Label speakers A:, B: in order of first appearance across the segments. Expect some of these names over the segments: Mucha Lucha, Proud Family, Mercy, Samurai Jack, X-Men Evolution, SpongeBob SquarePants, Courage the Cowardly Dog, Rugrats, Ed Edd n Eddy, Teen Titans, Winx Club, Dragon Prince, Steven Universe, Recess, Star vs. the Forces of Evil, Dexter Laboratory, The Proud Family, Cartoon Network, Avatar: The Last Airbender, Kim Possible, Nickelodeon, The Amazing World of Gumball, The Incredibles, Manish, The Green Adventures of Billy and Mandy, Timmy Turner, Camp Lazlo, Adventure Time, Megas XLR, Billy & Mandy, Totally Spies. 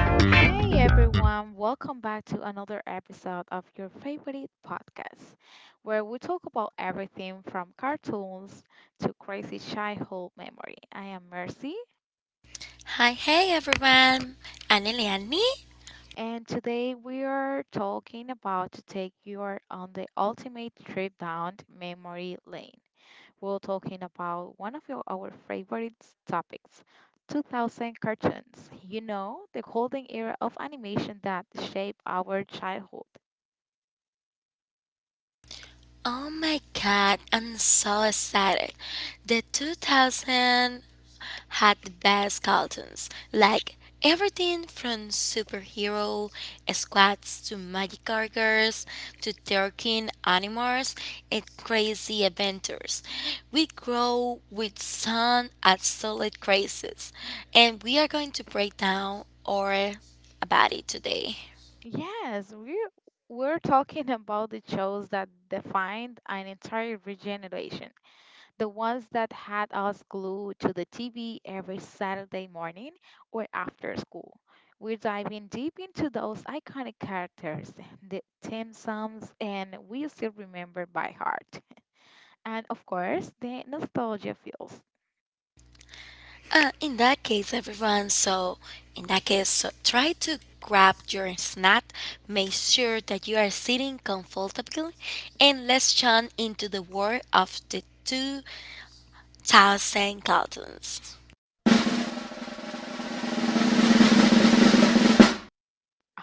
A: Hey everyone, welcome back to another episode of your favorite podcast, where we talk about everything from cartoons to crazy childhood memory. I am Mercy,
B: Hi, hey everyone! I'm Eliani.
A: and today we are talking about to take you on the ultimate trip down memory lane. We're talking about our favorite topics. 2000 cartoons, you know, the golden era of animation that shaped our childhood.
B: Oh my god, I'm so excited. The 2000 had the best cartoons, like everything from superhero squads to magic cargers to turkey animals and crazy adventures. We grow with some absolute crazes, and we are going to break down or about it today.
A: Yes, we're talking about the shows that defined an entire regeneration. The ones that had us glued to the TV every Saturday morning or after school. We're diving deep into those iconic characters, the theme songs, and we still remember by heart. And of course, the nostalgia feels.
B: In that case, everyone, so in that case, so try to grab your snack, make sure that you are sitting comfortably, and let's jump into the world of the 2000 cartoons.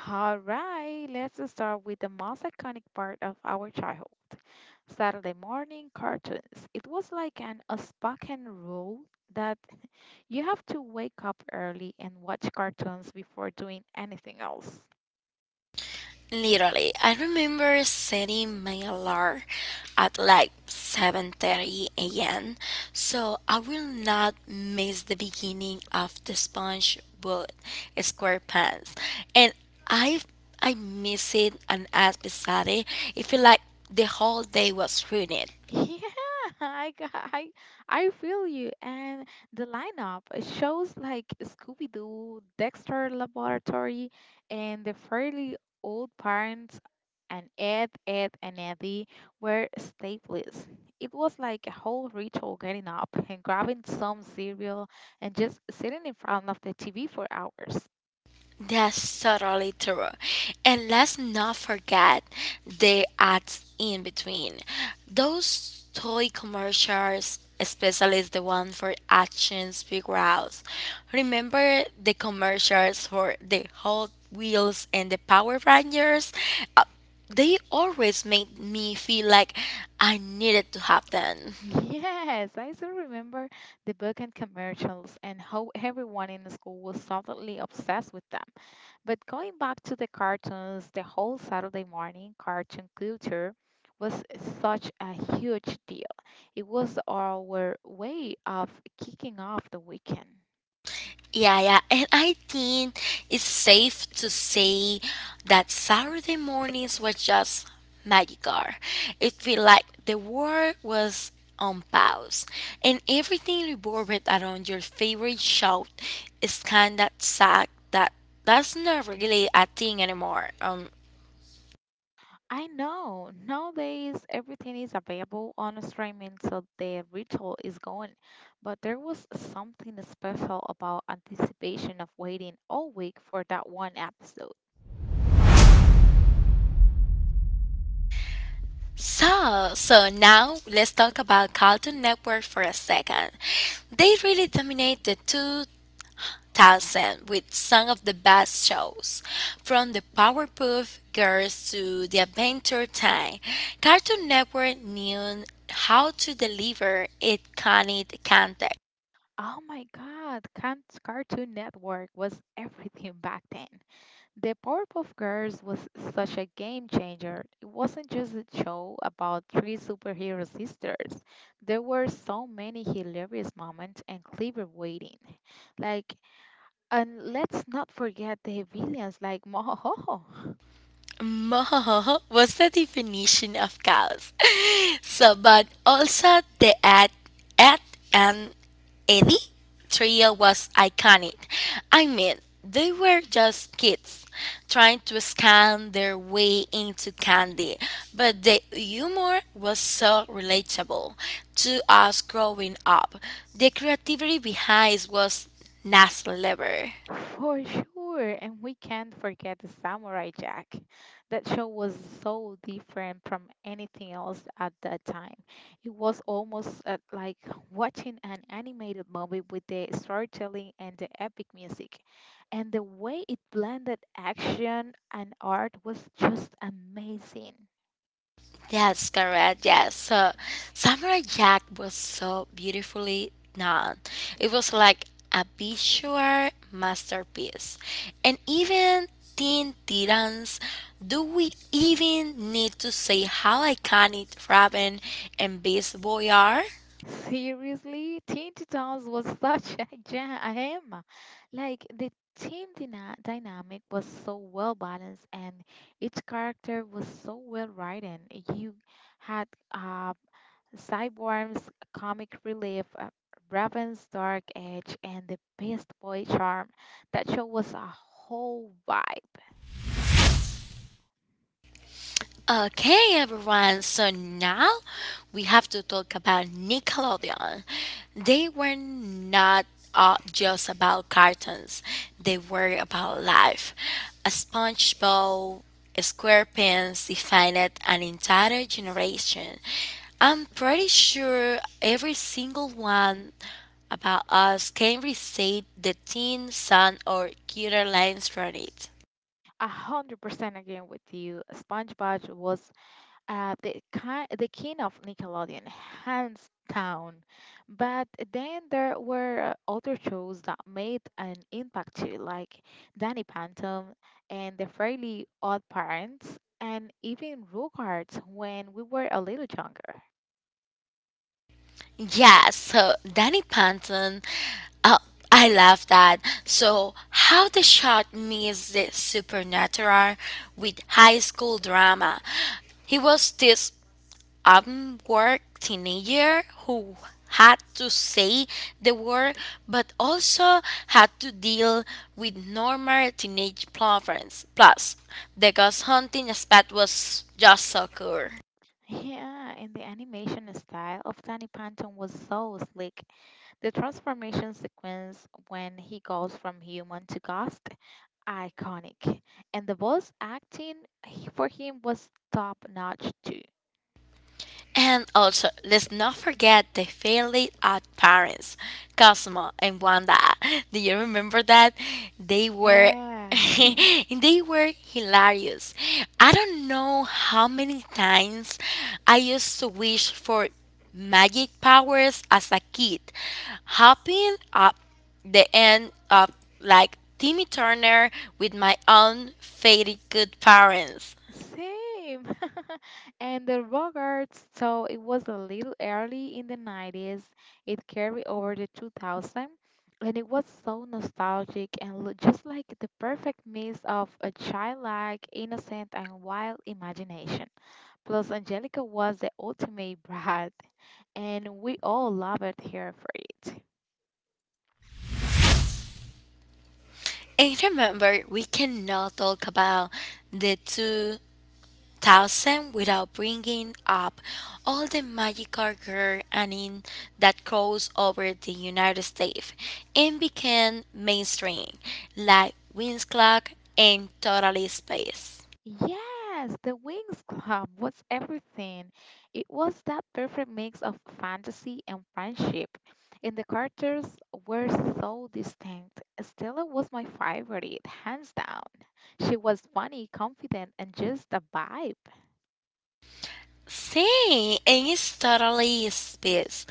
A: All right, let's start with the most iconic part of our childhood Saturday morning cartoons. It was like an unspoken rule that you have to wake up early and watch cartoons before doing anything else.
B: Literally, I remember setting my alarm at like 7:30 a.m. so I will not miss the beginning of the SpongeBob SquarePants. And I I miss it an episode. It feel like the whole day was ruined.
A: Yeah, I, g- I, I feel you. And the lineup it shows like Scooby Doo, Dexter Laboratory, and the fairly old parents, and Ed, Ed, and Eddie were staples. It was like a whole ritual getting up and grabbing some cereal and just sitting in front of the TV for hours.
B: That's totally true. And let's not forget the ads in between. Those toy commercials, especially the one for Action Figures. Remember the commercials for the Hot Wheels and the Power Rangers? Uh, they always made me feel like I needed to have them.
A: Yes, I still remember the book and commercials and how everyone in the school was suddenly obsessed with them. But going back to the cartoons, the whole Saturday morning cartoon culture was such a huge deal. It was our way of kicking off the weekend.
B: Yeah, yeah, and I think it's safe to say that Saturday mornings were just magical. It felt like the world was on pause, and everything revolved around your favorite show. It's kind of sad that that's not really a thing anymore. Um,
A: I know nowadays everything is available on streaming, so the ritual is gone. But there was something special about anticipation of waiting all week for that one episode.
B: so, so now let's talk about Cartoon Network for a second. They really dominate the two Tarzan with some of the best shows, from the Powerpuff Girls to the Adventure Time. Cartoon Network knew how to deliver iconic content.
A: Oh my God, Cartoon Network was everything back then. The Powerpuff Girls was such a game changer. It wasn't just a show about three superhero sisters. There were so many hilarious moments and clever waiting. Like, and let's not forget the villains like Mohohoho.
B: Mah was the definition of cows. So but also the ad and Eddie trio was iconic. I mean, they were just kids trying to scan their way into candy, but the humor was so relatable to us growing up. The creativity behind it was next level.
A: For sure, and we can't forget the Samurai Jack. That show was so different from anything else at that time. It was almost like watching an animated movie with the storytelling and the epic music. And the way it blended action and art was just amazing.
B: Yes, correct. Yes. So Samurai Jack was so beautifully done. It was like a visual masterpiece. And even Teen Titans, do we even need to say how iconic Robin and Beast Boy are?
A: Seriously, Teen Titans was such a jam. Like the team dynamic was so well balanced, and each character was so well written. You had uh, Cyborg's comic relief, Raven's dark edge, and the best boy charm. That show was a whole vibe.
B: Okay, everyone. So now we have to talk about Nickelodeon. They were not just about cartoons; they were about life. A SpongeBob SquarePants defined an entire generation. I'm pretty sure every single one about us can recite the Teen Sun or Cuter lines from it.
A: 100% again with you. SpongeBob was the king of Nickelodeon, hands down. But then there were other shows that made an impact too, like Danny Phantom and The Fairly Odd Parents, and even Rugrats when we were a little younger.
B: Yeah, so Danny Panton, uh, I love that. So, how the shot meets the supernatural with high school drama. He was this upward teenager who had to say the word but also had to deal with normal teenage problems. Plus, the ghost hunting aspect was just so cool.
A: Yeah, and the animation style of Danny Phantom was so slick. The transformation sequence when he goes from human to ghost iconic. And the voice acting for him was top notch too.
B: And also, let's not forget the fairly odd parents, Cosmo and Wanda. Do you remember that? They were
A: Yeah.
B: they were hilarious. I don't know how many times I used to wish for magic powers as a kid, hopping up the end up like Timmy Turner with my own fairy good parents.
A: Same. And the Rockets, so it was a little early in the 90s. It carried over to 2000. And it was so nostalgic and just like the perfect mix of a childlike, innocent, and wild imagination. Plus, Angelica was the ultimate brat, and we all loved her for it.
B: And remember, we cannot talk about the 2000 without bringing up all the magical girl anime that crossed over the United States and became mainstream, like Winx Club and Totally Space.
A: Yes, the Wings Club was everything. It was that perfect mix of fantasy and friendship, and the characters were so distinct. Stella was my favorite, hands down. She was funny, confident, and just a vibe.
B: Sí, en its totally space.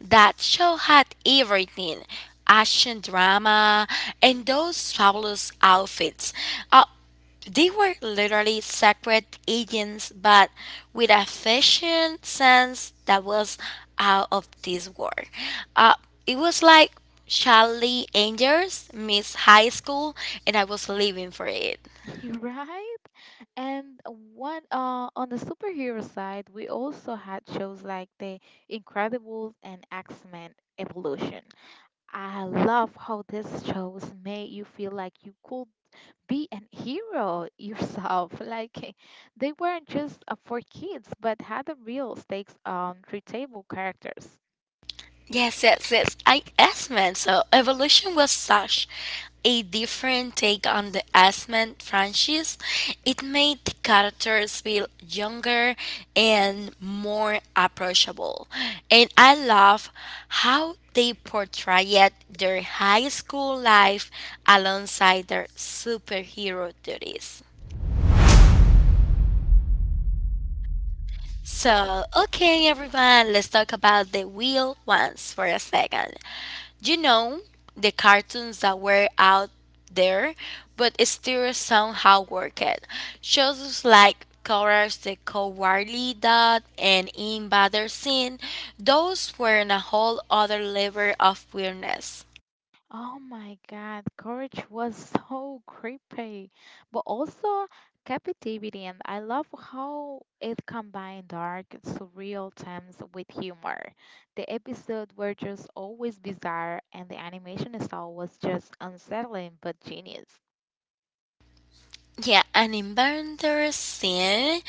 B: That show had everything action drama and those fabulous outfits. Uh, they were literally secret agents, but with a fashion sense that was out of this world. Uh, it was like Charlie Angels, Miss High School, and I was living for it.
A: You're right? And one on the superhero side, we also had shows like The Incredibles and X Men Evolution. I love how this shows made you feel like you could be an hero yourself. Like they weren't just for kids, but had a real stakes on relatable characters.
B: Yes, yes, yes. I Asman. So Evolution was such a different take on the Asman franchise. It made the characters feel younger and more approachable. And I love how they portrayed their high school life alongside their superhero duties. So, okay, everyone, let's talk about the wheel once for a second. You know, the cartoons that were out there, but still somehow worked. Shows like Courage the Cowardly Dog and In Sin, those were in a whole other level of weirdness.
A: Oh my God, courage was so creepy, but also captivating. And I love how it combined dark, surreal themes with humor. The episodes were just always bizarre, and the animation style was just unsettling but genius.
B: Yeah, an inventor scene.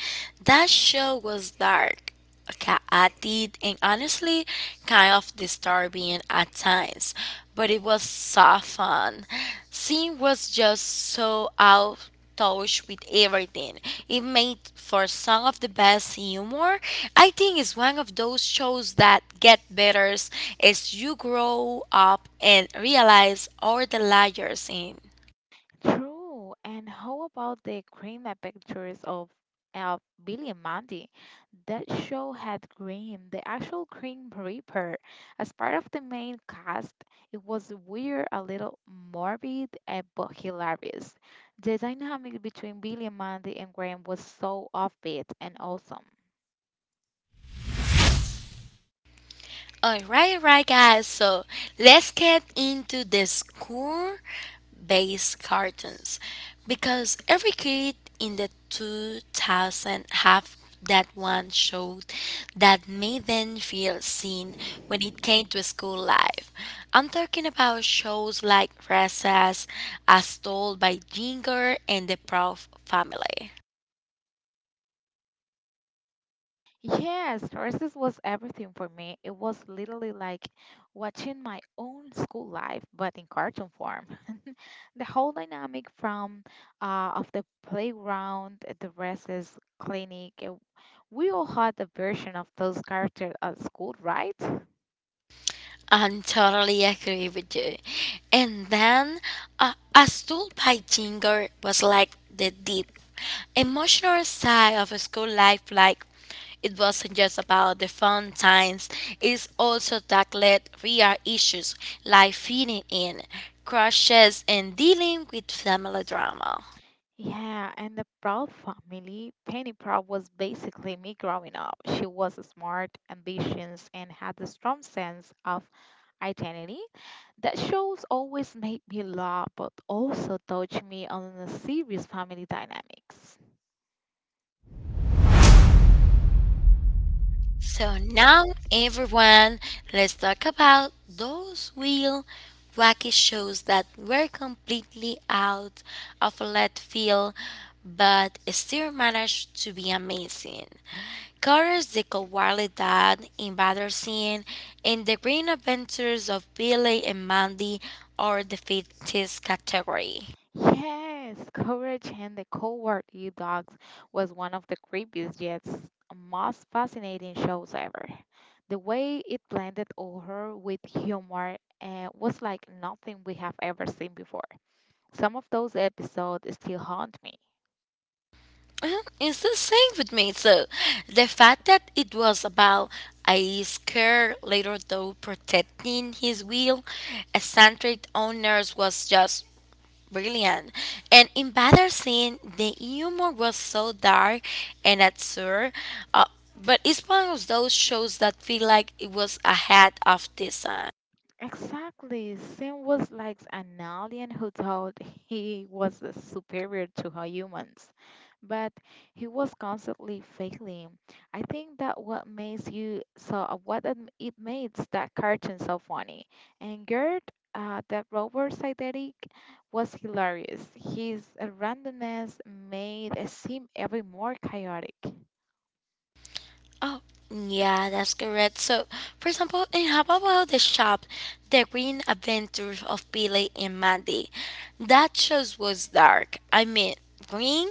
B: That show was dark, chaotic, and honestly kind of disturbing at times, but it was so fun. Scene was just so out of touch with everything. It made for some of the best humor. I think it's one of those shows that get better as you grow up and realize all the layers in.
A: True. And how about the creamy pictures of uh, Billy and Mandy? That show had Cream, the actual Cream Reaper, as part of the main cast. It was weird, a little morbid, but hilarious. The dynamic between Billy and Mandy and Graham was so offbeat and awesome.
B: All right, guys. So let's get into the school based cartoons because every kid in the 2000 have that one show that made them feel seen when it came to school life. I'm talking about shows like Recess, As Told by Ginger and the Proud Family.
A: Yes, nurses was everything for me. It was literally like watching my own school life, but in cartoon form. The whole dynamic from of the playground, the recess, clinic. We all had a version of those characters at school, right?
B: I totally agree with you. And then I Stood by Ginger was like the deep emotional side of school life. Like it wasn't just about the fun times, it also tackled real issues like fitting in, crushes, and dealing with family drama.
A: Yeah, and the Proud family, Penny Proud was basically me growing up. She was smart, ambitious, and had a strong sense of identity. That shows always made me laugh, but also touched me on the serious family dynamics.
B: So now, everyone, let's talk about those real wacky shows that were completely out of left field but still managed to be amazing. Carter's The Cowardly Dad, Embarrassing, and The Green Adventures of Billy and Mandy are the fittest category.
A: Yes, courage and the Cowardly dogs was one of the creepiest yet most fascinating shows ever. The way it blended horror with humor was like nothing we have ever seen before. Some of those episodes still haunt me.
B: It's the same with me. So the fact that it was about a scare later though protecting his will, eccentric owners was just brilliant. And in Better Scene, the humor was so dark and absurd, uh, but it's one of those shows that feel like it was ahead of this.
A: Exactly. Sim was like an alien who thought he was superior to her humans, but he was constantly failing. I think that what makes you so what it makes that cartoon so funny. And Gert, that robot sidekick, was hilarious. His randomness made it seem even more chaotic.
B: Oh, yeah, that's correct. So, for example, in how about the shop, The Green Adventures of Billy and Mandy? That show was dark. I mean, green,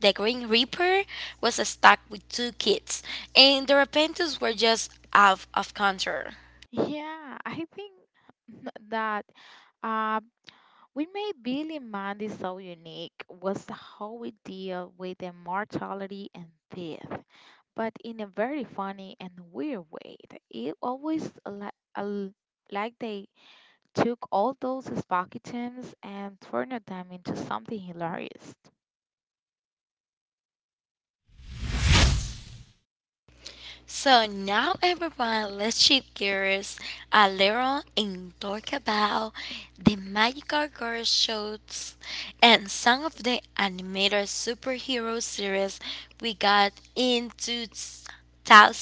B: the Green Reaper was stuck with two kids, and their adventures were just out of control.
A: Yeah, I think that. Uh. What made Billy Mandy so unique was how we deal with immortality and death, but in a very funny and weird way. It always al- like they took all those spooky themes and turned them into something hilarious.
B: So now, everyone, let's shift gears a little and talk about the magical girl shows and some of the animated superhero series we got in 2000.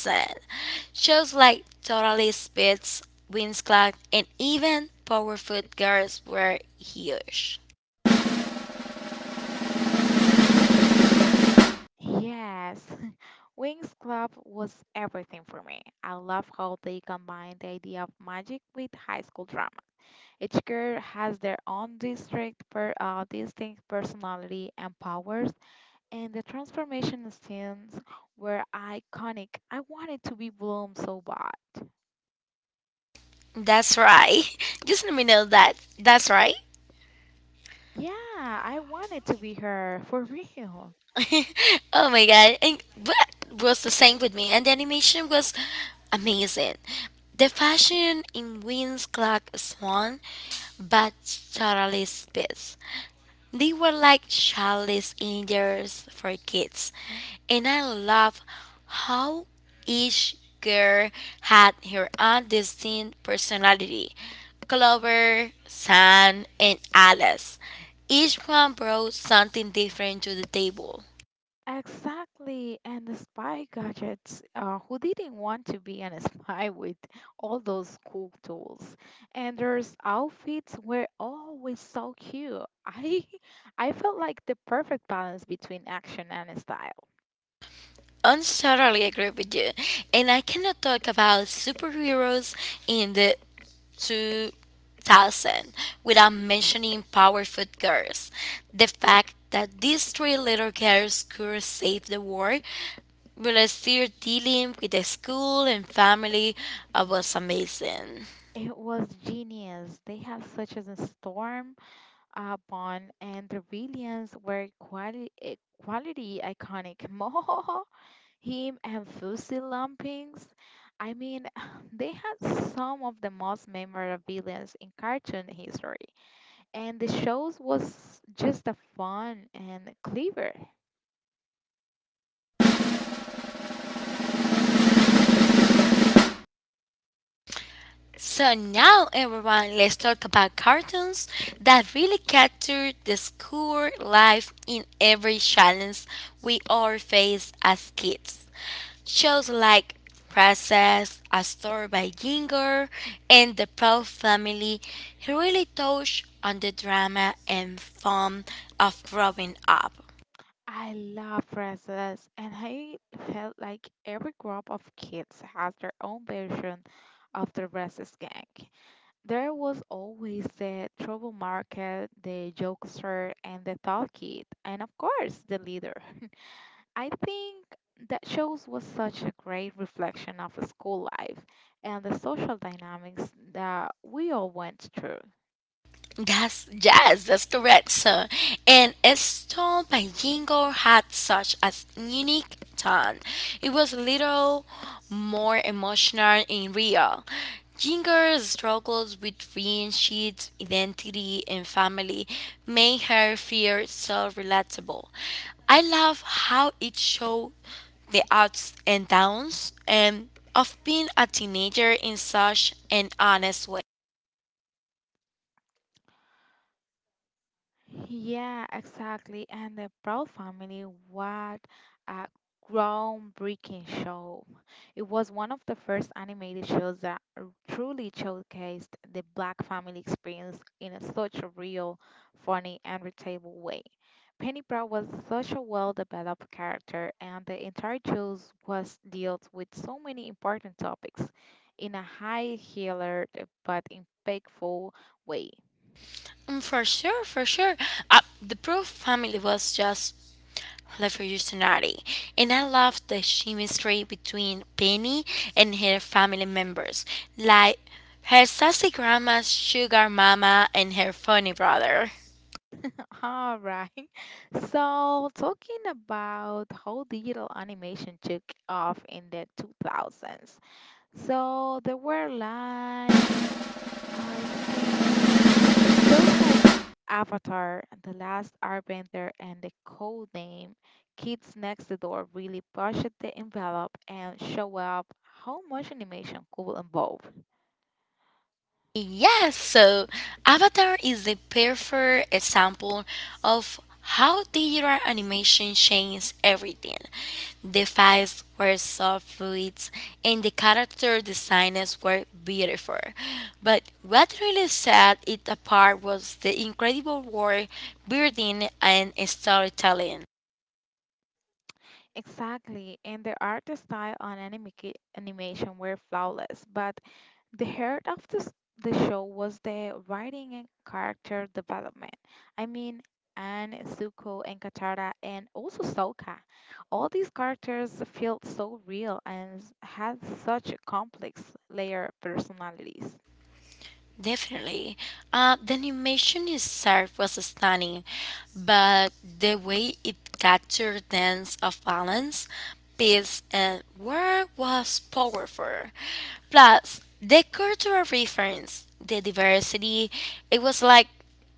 B: Shows like Totally Spies, Winx Club, and even Powerpuff Girls were huge.
A: Yes, Wings Club was everything for me. I love how they combined the idea of magic with high school drama. Each girl has their own distinct personality and powers, and the transformation scenes were iconic. I wanted to be Bloom so bad.
B: That's right. Just let me know that. That's right.
A: Yeah, I wanted to be her for real.
B: Oh my god, and that was the same with me. And the animation was amazing. The fashion in Wings Clark Swan but Charlie's bits. They were like Charlie's Angels for kids. And I love how each girl had her own distinct personality. Clover, Sam, and Alice. Each one brought something different to the table.
A: Exactly, and the spy gadgets. Who didn't want to be an spy with all those cool tools? And there's outfits were always so cute. I felt like the perfect balance between action and style.
B: Undoubtedly agree with you, and I cannot talk about superheroes in the 2000 without mentioning Powerful Girls. The fact that these three little girls could save the world while still dealing with the school and family was amazing.
A: It was genius. They had such as a storm bond, and the villains were quality iconic. More him and Fussy Lumpings. I mean, they had some of the most memorable villains in cartoon history, and the shows was just a fun and clever.
B: So now, everyone, let's talk about cartoons that really capture the school life in every challenge we all face as kids. Shows like Princess, A Story by Ginger, and The Proud Family really touch on the drama and fun of growing up.
A: I love princess, and I felt like every group of kids has their own version of the Restless Gang. There was always the trouble market, the jokester, and the thought kid, and of course, the leader. I think that shows was such a great reflection of school life and the social dynamics that we all went through.
B: That's jazz. That's correct, sir. And it's told by Jingo had such a unique tone. It was a little more emotional and real. Jingo's struggles with friendships, identity, and family made her feel so relatable. I love how it showed the ups and downs and of being a teenager in such an honest way.
A: Yeah, exactly. And the Proud Family, what a groundbreaking show. It was one of the first animated shows that truly showcased the Black family experience in a such a real, funny, and relatable way. Pennypaw was such a well-developed character, and the entire show was dealt with so many important topics in a high-heeled but impactful way.
B: Mm, for sure, for sure. Uh, the Proof family was just revolutionary, and I loved the chemistry between Penny and her family members, like her sassy grandma, sugar mama, and her funny brother.
A: All right. So, talking about how digital animation took off in the 2000s. So, there were like, I think. shows like Avatar, The Last Airbender, and The Code Name, Kids Next Door really pushed the envelope and show up how much animation could involve.
B: Yes, so Avatar is the perfect example of how digital animation changed everything. The fights were so fluid and the character designs were beautiful. But what really set it apart was the incredible world building and storytelling.
A: Exactly, and the art style on anime animation were flawless, but the heart of the show was the writing and character development. I mean, Anne, Zuko, and Katara, and also Sokka. All these characters felt so real and had such complex layer of personalities.
B: Definitely. The animation itself was stunning, but the way it captured sense of balance, peace, and work was powerful. Plus, the cultural reference, the diversity, it was like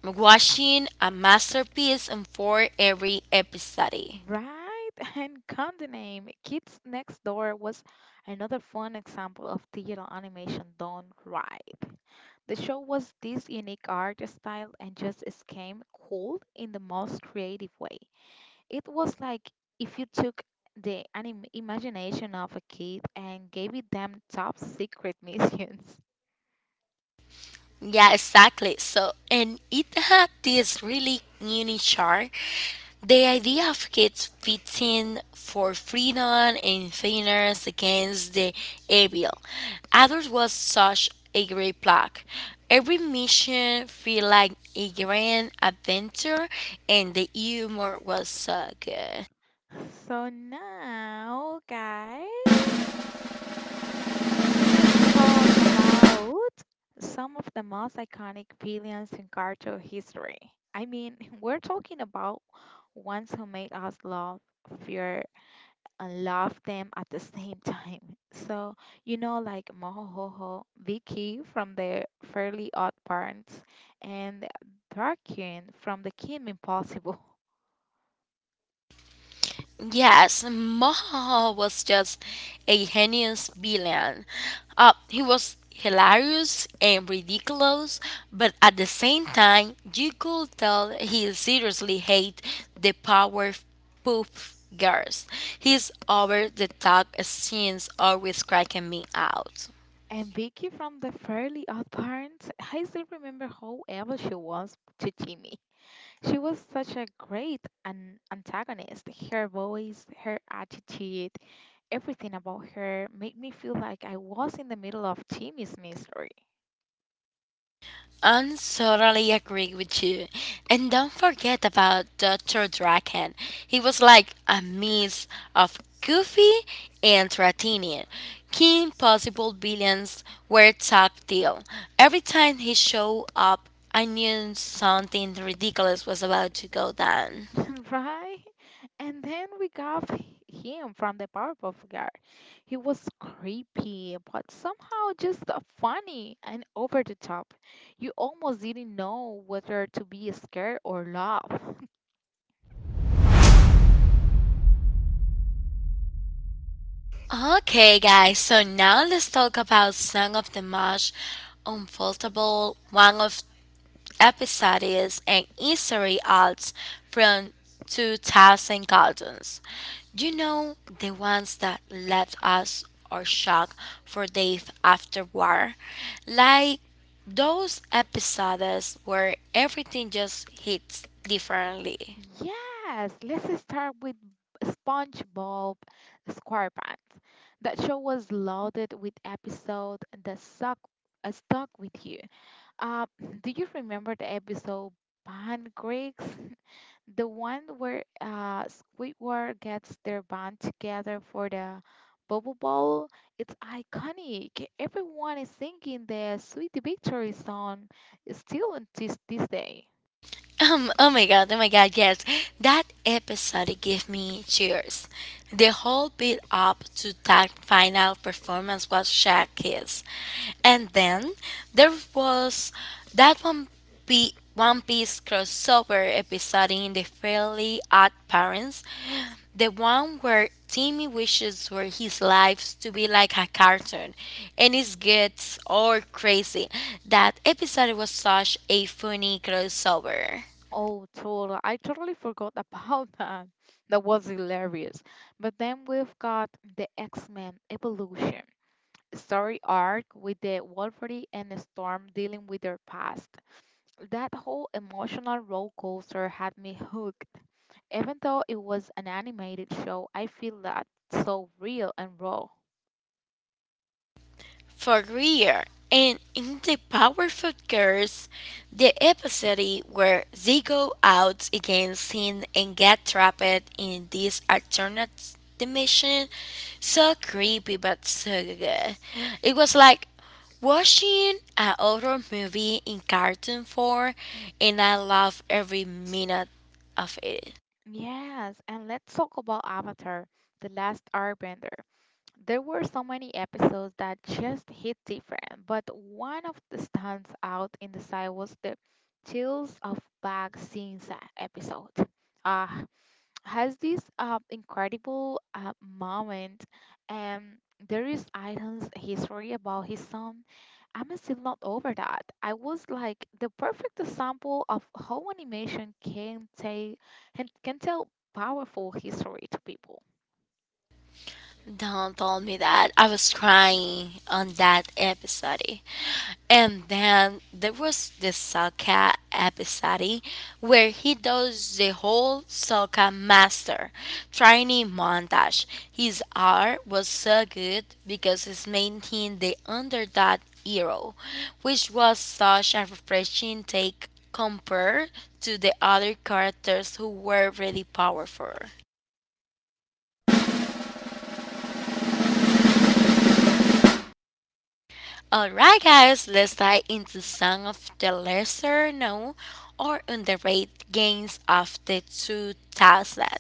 B: watching a masterpiece unfold every episode.
A: Right, and Candy Name, Kids Next Door was another fun example of digital animation done right. The show was this unique art style and just came cool in the most creative way. It was like if you took the imagination of a kid and gave it them top secret missions.
B: Yeah, exactly. So, and it had this really unique charm. The idea of kids fighting for freedom and fairness against the evil. Others was such a great plot. Every mission felt like a grand adventure, and the humor was so good.
A: So now, guys, let's talk about some of the most iconic villains in cartoon history. I mean, we're talking about ones who made us love, fear, and love them at the same time. So, you know, like Mohohoho, Vicky from the Fairly Odd Parents, and Darkin from the Kim Impossible.
B: Yes, Moho was just a heinous villain. He was hilarious and ridiculous, but at the same time, you could tell he seriously hated the power poof girls. His over the top scenes always cracking me out.
A: And Vicky from the Fairly Odd Parents, I still remember how evil she was to Jimmy. She was such a great an antagonist. Her voice, her attitude, everything about her made me feel like I was in the middle of Jimmy's mystery.
B: I totally agree with you. And don't forget about Dr. Draken. He was like a mix of goofy and Ratinian. King Possible villains were tactile. Every time he showed up, I knew something ridiculous was about to go down.
A: Right? And then we got him from the Powerpuff Girl. He was creepy, but somehow just funny and over the top. You almost didn't know whether to be scared or laugh.
B: Okay, guys, so now let's talk about Song of the Marsh, Unfoldable, one of episodes and history arts from 2000 cartoons. You know, the ones that left us or shocked for days afterward. Like those episodes where everything just hits differently.
A: Yes, let's start with SpongeBob SquarePants. That show was loaded with episodes that stuck with you. Uh, do you remember the episode Pancakes? The one where Squidward gets their band together for the Bubble Bowl, it's iconic. Everyone is singing the Sweet Victory song still until this day.
B: Oh my god, yes. That episode gave me cheers. The whole build up to that final performance was showcase. And then there was that One Piece crossover episode in the Fairly Odd Parents, the one where Timmy wishes for his life to be like a cartoon, and it gets all crazy. That episode was such a funny crossover.
A: Oh, totally. I totally forgot about that. That was hilarious. But then we've got the X-Men Evolution story arc with the Wolverine and Storm dealing with their past. That whole emotional roller coaster had me hooked. Even though it was an animated show, I feel that so real and raw.
B: For Greer, and in the powerful curse, the episode where they go out against him and get trapped in this alternate dimension, so creepy but so good. It was like watching a horror movie in cartoon form, and I love every minute of it.
A: Yes, and let's talk about Avatar, The Last Airbender. There were so many episodes that just hit different, but one of the stands out in the side was the Tales of Bag Sinsa episode. Ah, has this incredible moment, and there is Aiden's history about his son. I'm still not over that. I was like the perfect example of how animation can tell can tell powerful history to people.
B: Don told me that. I was crying on that episode. And then there was the Sokka episode where he does the whole Sokka master training montage. His art was so good because it's maintained the underdog hero, which was such a refreshing take compared to the other characters who were really powerful. Alright, guys, let's dive into some of the lesser known or underrated games of the 2000.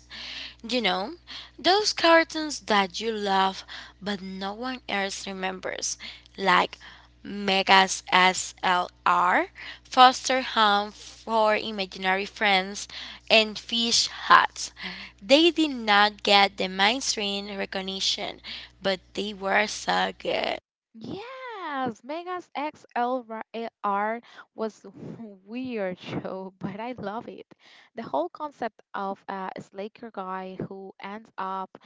B: You know, those cartoons that you love but no one else remembers, like Megas SLR, Foster Home for Imaginary Friends, and Fish Huts. They did not get the mainstream recognition, but they were so good.
A: Yes, Megas XLR was a weird show, but I love it. The whole concept of a slacker guy who ends up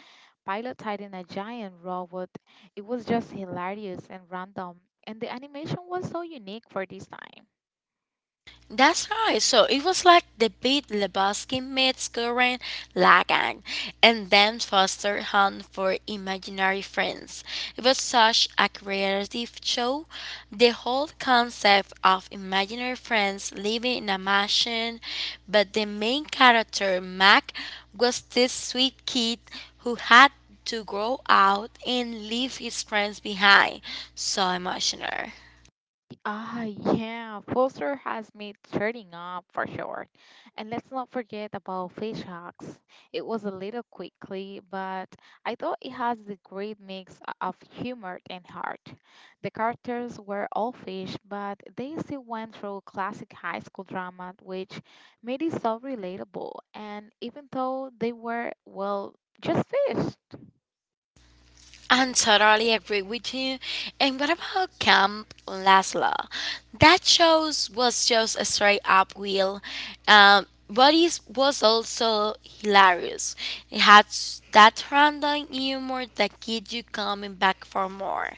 A: piloting a giant robot, it was just hilarious and random, and the animation was so unique for this time.
B: That's right. So it was like the big Lebowski meets Gurren Lagann, and then Foster Hunt for Imaginary Friends. It was such a creative show. The whole concept of imaginary friends living in a mansion, but the main character, Mac, was this sweet kid who had to grow out and leave his friends behind. So emotional.
A: Ah, yeah, Foster has made turning up for sure. And let's not forget about Fish Hawks. It was a little quickly, but I thought it has the great mix of humor and heart. The characters were all fish, but they still went through classic high school drama, which made it so relatable. And even though they were, well, just fish.
B: I totally agree with you. And what about Camp Laszlo? That shows was just a straight up wheel. But it was also hilarious. It had that random humor that keeps you coming back for more.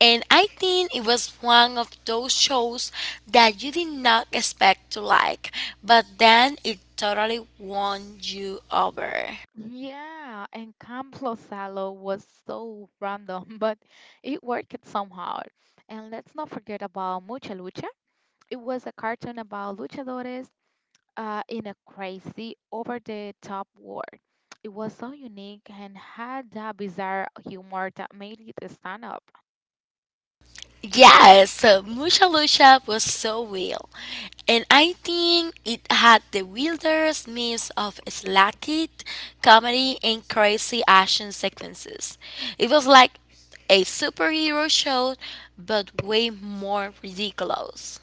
B: And I think it was one of those shows that you did not expect to like, but then it totally won you over.
A: Yeah, and Camplo Salo was so random, but it worked somehow. And let's not forget about Mucha Lucha. It was a cartoon about luchadores in a crazy, over the top world. It was so unique and had that bizarre humor that made it stand up.
B: Yes, Musha Lucha was so real. And I think it had the weirdest mix of slacky comedy and crazy action sequences. It was like a superhero show, but way more ridiculous.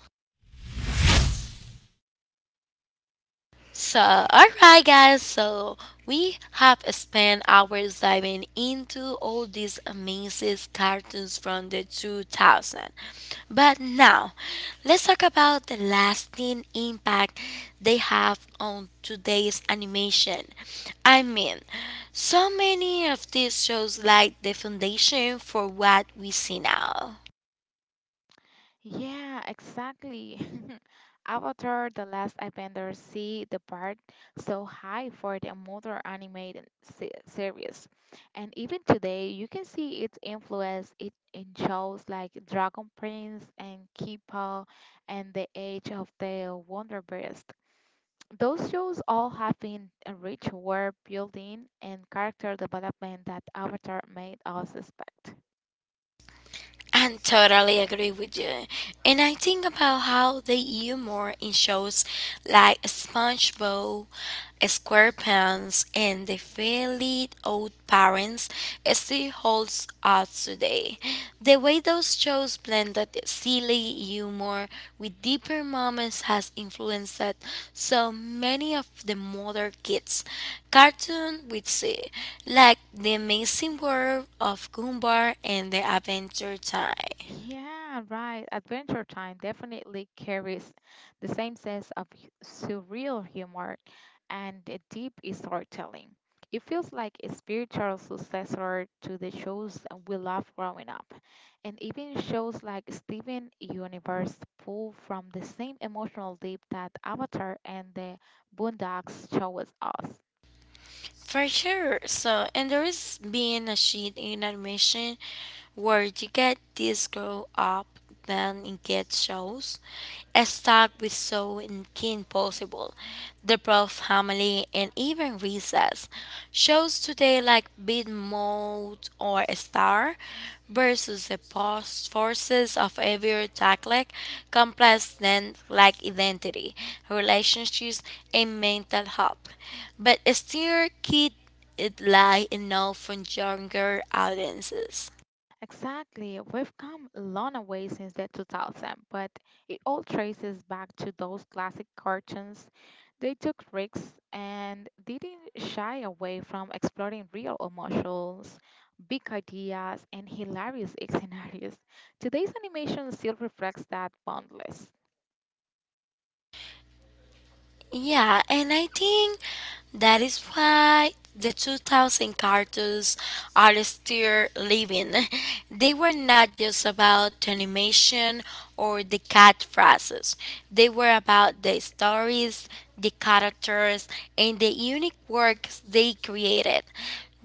B: So, alright, guys, so we have spent hours diving into all these amazing cartoons from the 2000. But now, let's talk about the lasting impact they have on today's animation. I mean, so many of these shows like the foundation for what we see now.
A: Yeah, exactly. Avatar: The Last Airbender see the part so high for the modern animated series, and even today you can see its influence it in shows like Dragon Prince and Kipo and The Age of the Wonderbeast. Those shows all have been a rich world building and character development that Avatar made us expect.
B: I totally agree with you. And I think about how the humor in shows like SpongeBob, SquarePants, and The Fairly Odd Parents still holds us today. The way those shows blend that silly humor with deeper moments has influenced so many of the modern kids. Cartoon with see, like The Amazing World of Gumball and The Adventure Time.
A: Yeah, right. Adventure Time definitely carries the same sense of surreal humor and a deep storytelling. It feels like a spiritual successor to the shows we loved growing up, and even shows like Steven Universe pull from the same emotional deep that Avatar and the Boondocks show us.
B: For sure. So, and there is being a sheet in admission where you get this grow up, then it gets shows. A stock with so in King Possible, The Proud Family, and even Recess. Shows today like Big mode or a star versus the post forces of every tackle, complex then like identity, relationships and mental health. But still keep it light enough for younger audiences.
A: Exactly. We've come a long way since the 2000, but it all traces back to those classic cartoons. They took risks and didn't shy away from exploring real emotions, big ideas, and hilarious scenarios. Today's animation still reflects that boundless.
B: Yeah, and I think that is why the 2000 cartoons are still living. They were not just about the animation or the cat phrases, they were about the stories, the characters, and the unique works they created.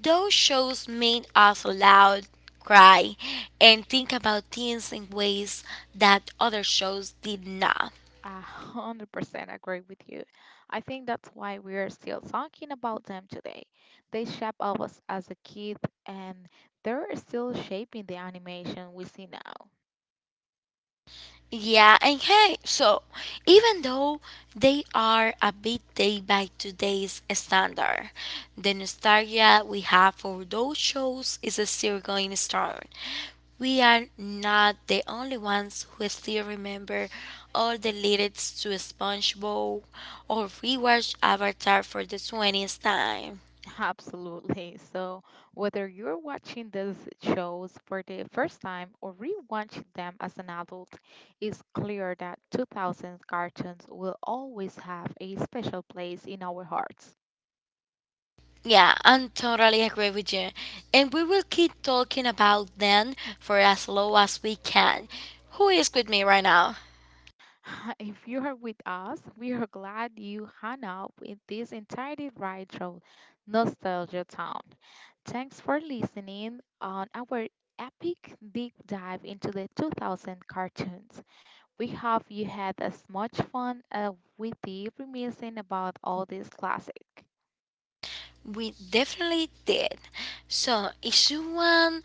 B: Those shows made us loud, cry, and think about things in ways that other shows did not.
A: A 100% agree with you. I think that's why we are still talking about them today. They shaped us as a kid and they're still shaping the animation we see now.
B: Yeah, and hey, so even though they are a bit day by today's standard, the nostalgia we have for those shows is still going strong. We are not the only ones who still remember all the lyrics to SpongeBob or rewatch Avatar for the 20th time.
A: Absolutely. So, whether you're watching these shows for the first time or rewatching them as an adult, it's clear that 2000s cartoons will always have a special place in our hearts.
B: Yeah, I totally agree with you. And we will keep talking about them for as long as we can. Who is with me right now?
A: If you are with us, we are glad you hung up with this entirely right road, Nostalgia Town. Thanks for listening on our epic deep dive into the 2000 cartoons. We hope you had as much fun as we did reminiscing about all these classics.
B: We definitely did. So, if you want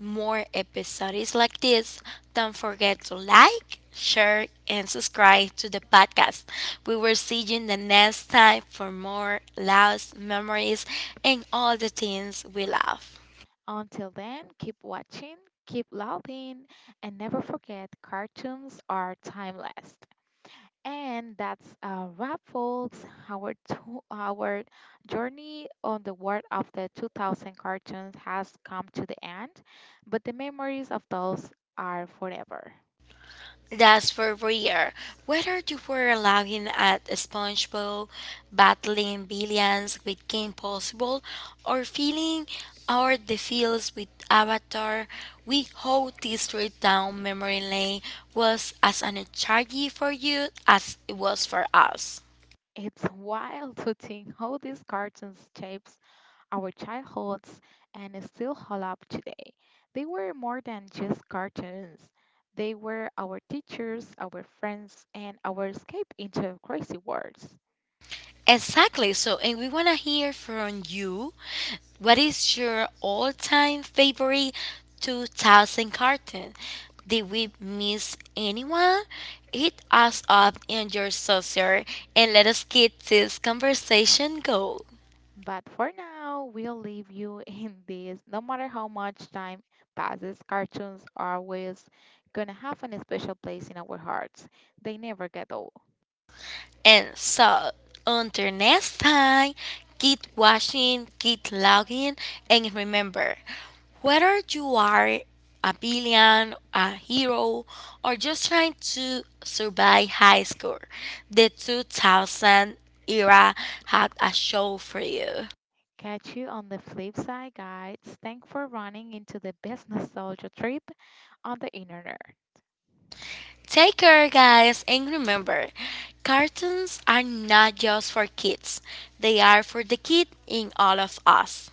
B: more episodes like this, don't forget to like, share, and subscribe to the podcast. We will see you in the next time for more laughs, memories, and all the things we love.
A: Until then, keep watching, keep loving, and never forget cartoons are timeless. And that's a wrap, folks. Our journey on the world of the 2000 cartoons has come to the end, but the memories of those are forever.
B: That's for Breer. Whether you were laughing at SpongeBob, battling billions with Game Possible, or feeling out the fields with Avatar, we hope this trip down memory lane was as energizing for you as it was for us.
A: It's wild to think how these cartoons shapes our childhoods and still hold up today. They were more than just cartoons. They were our teachers, our friends, and our escape into crazy worlds.
B: Exactly. So, and we want to hear from you. What is your all time favorite 2000 cartoon? Did we miss anyone? Hit us up in your social and let us get this conversation going.
A: But for now, we'll leave you in this. No matter how much time passes, cartoons are always gonna have an special place in our hearts. They never get old.
B: And so, until next time, keep watching, keep logging, and remember whether you are a villain, a hero, or just trying to survive high school, the 2000 era had a show for you.
A: Catch you on the flip side, guys. Thanks for running into the best nostalgia trip on the internet.
B: Take care, guys, and remember cartoons are not just for kids, they are for the kid in all of us.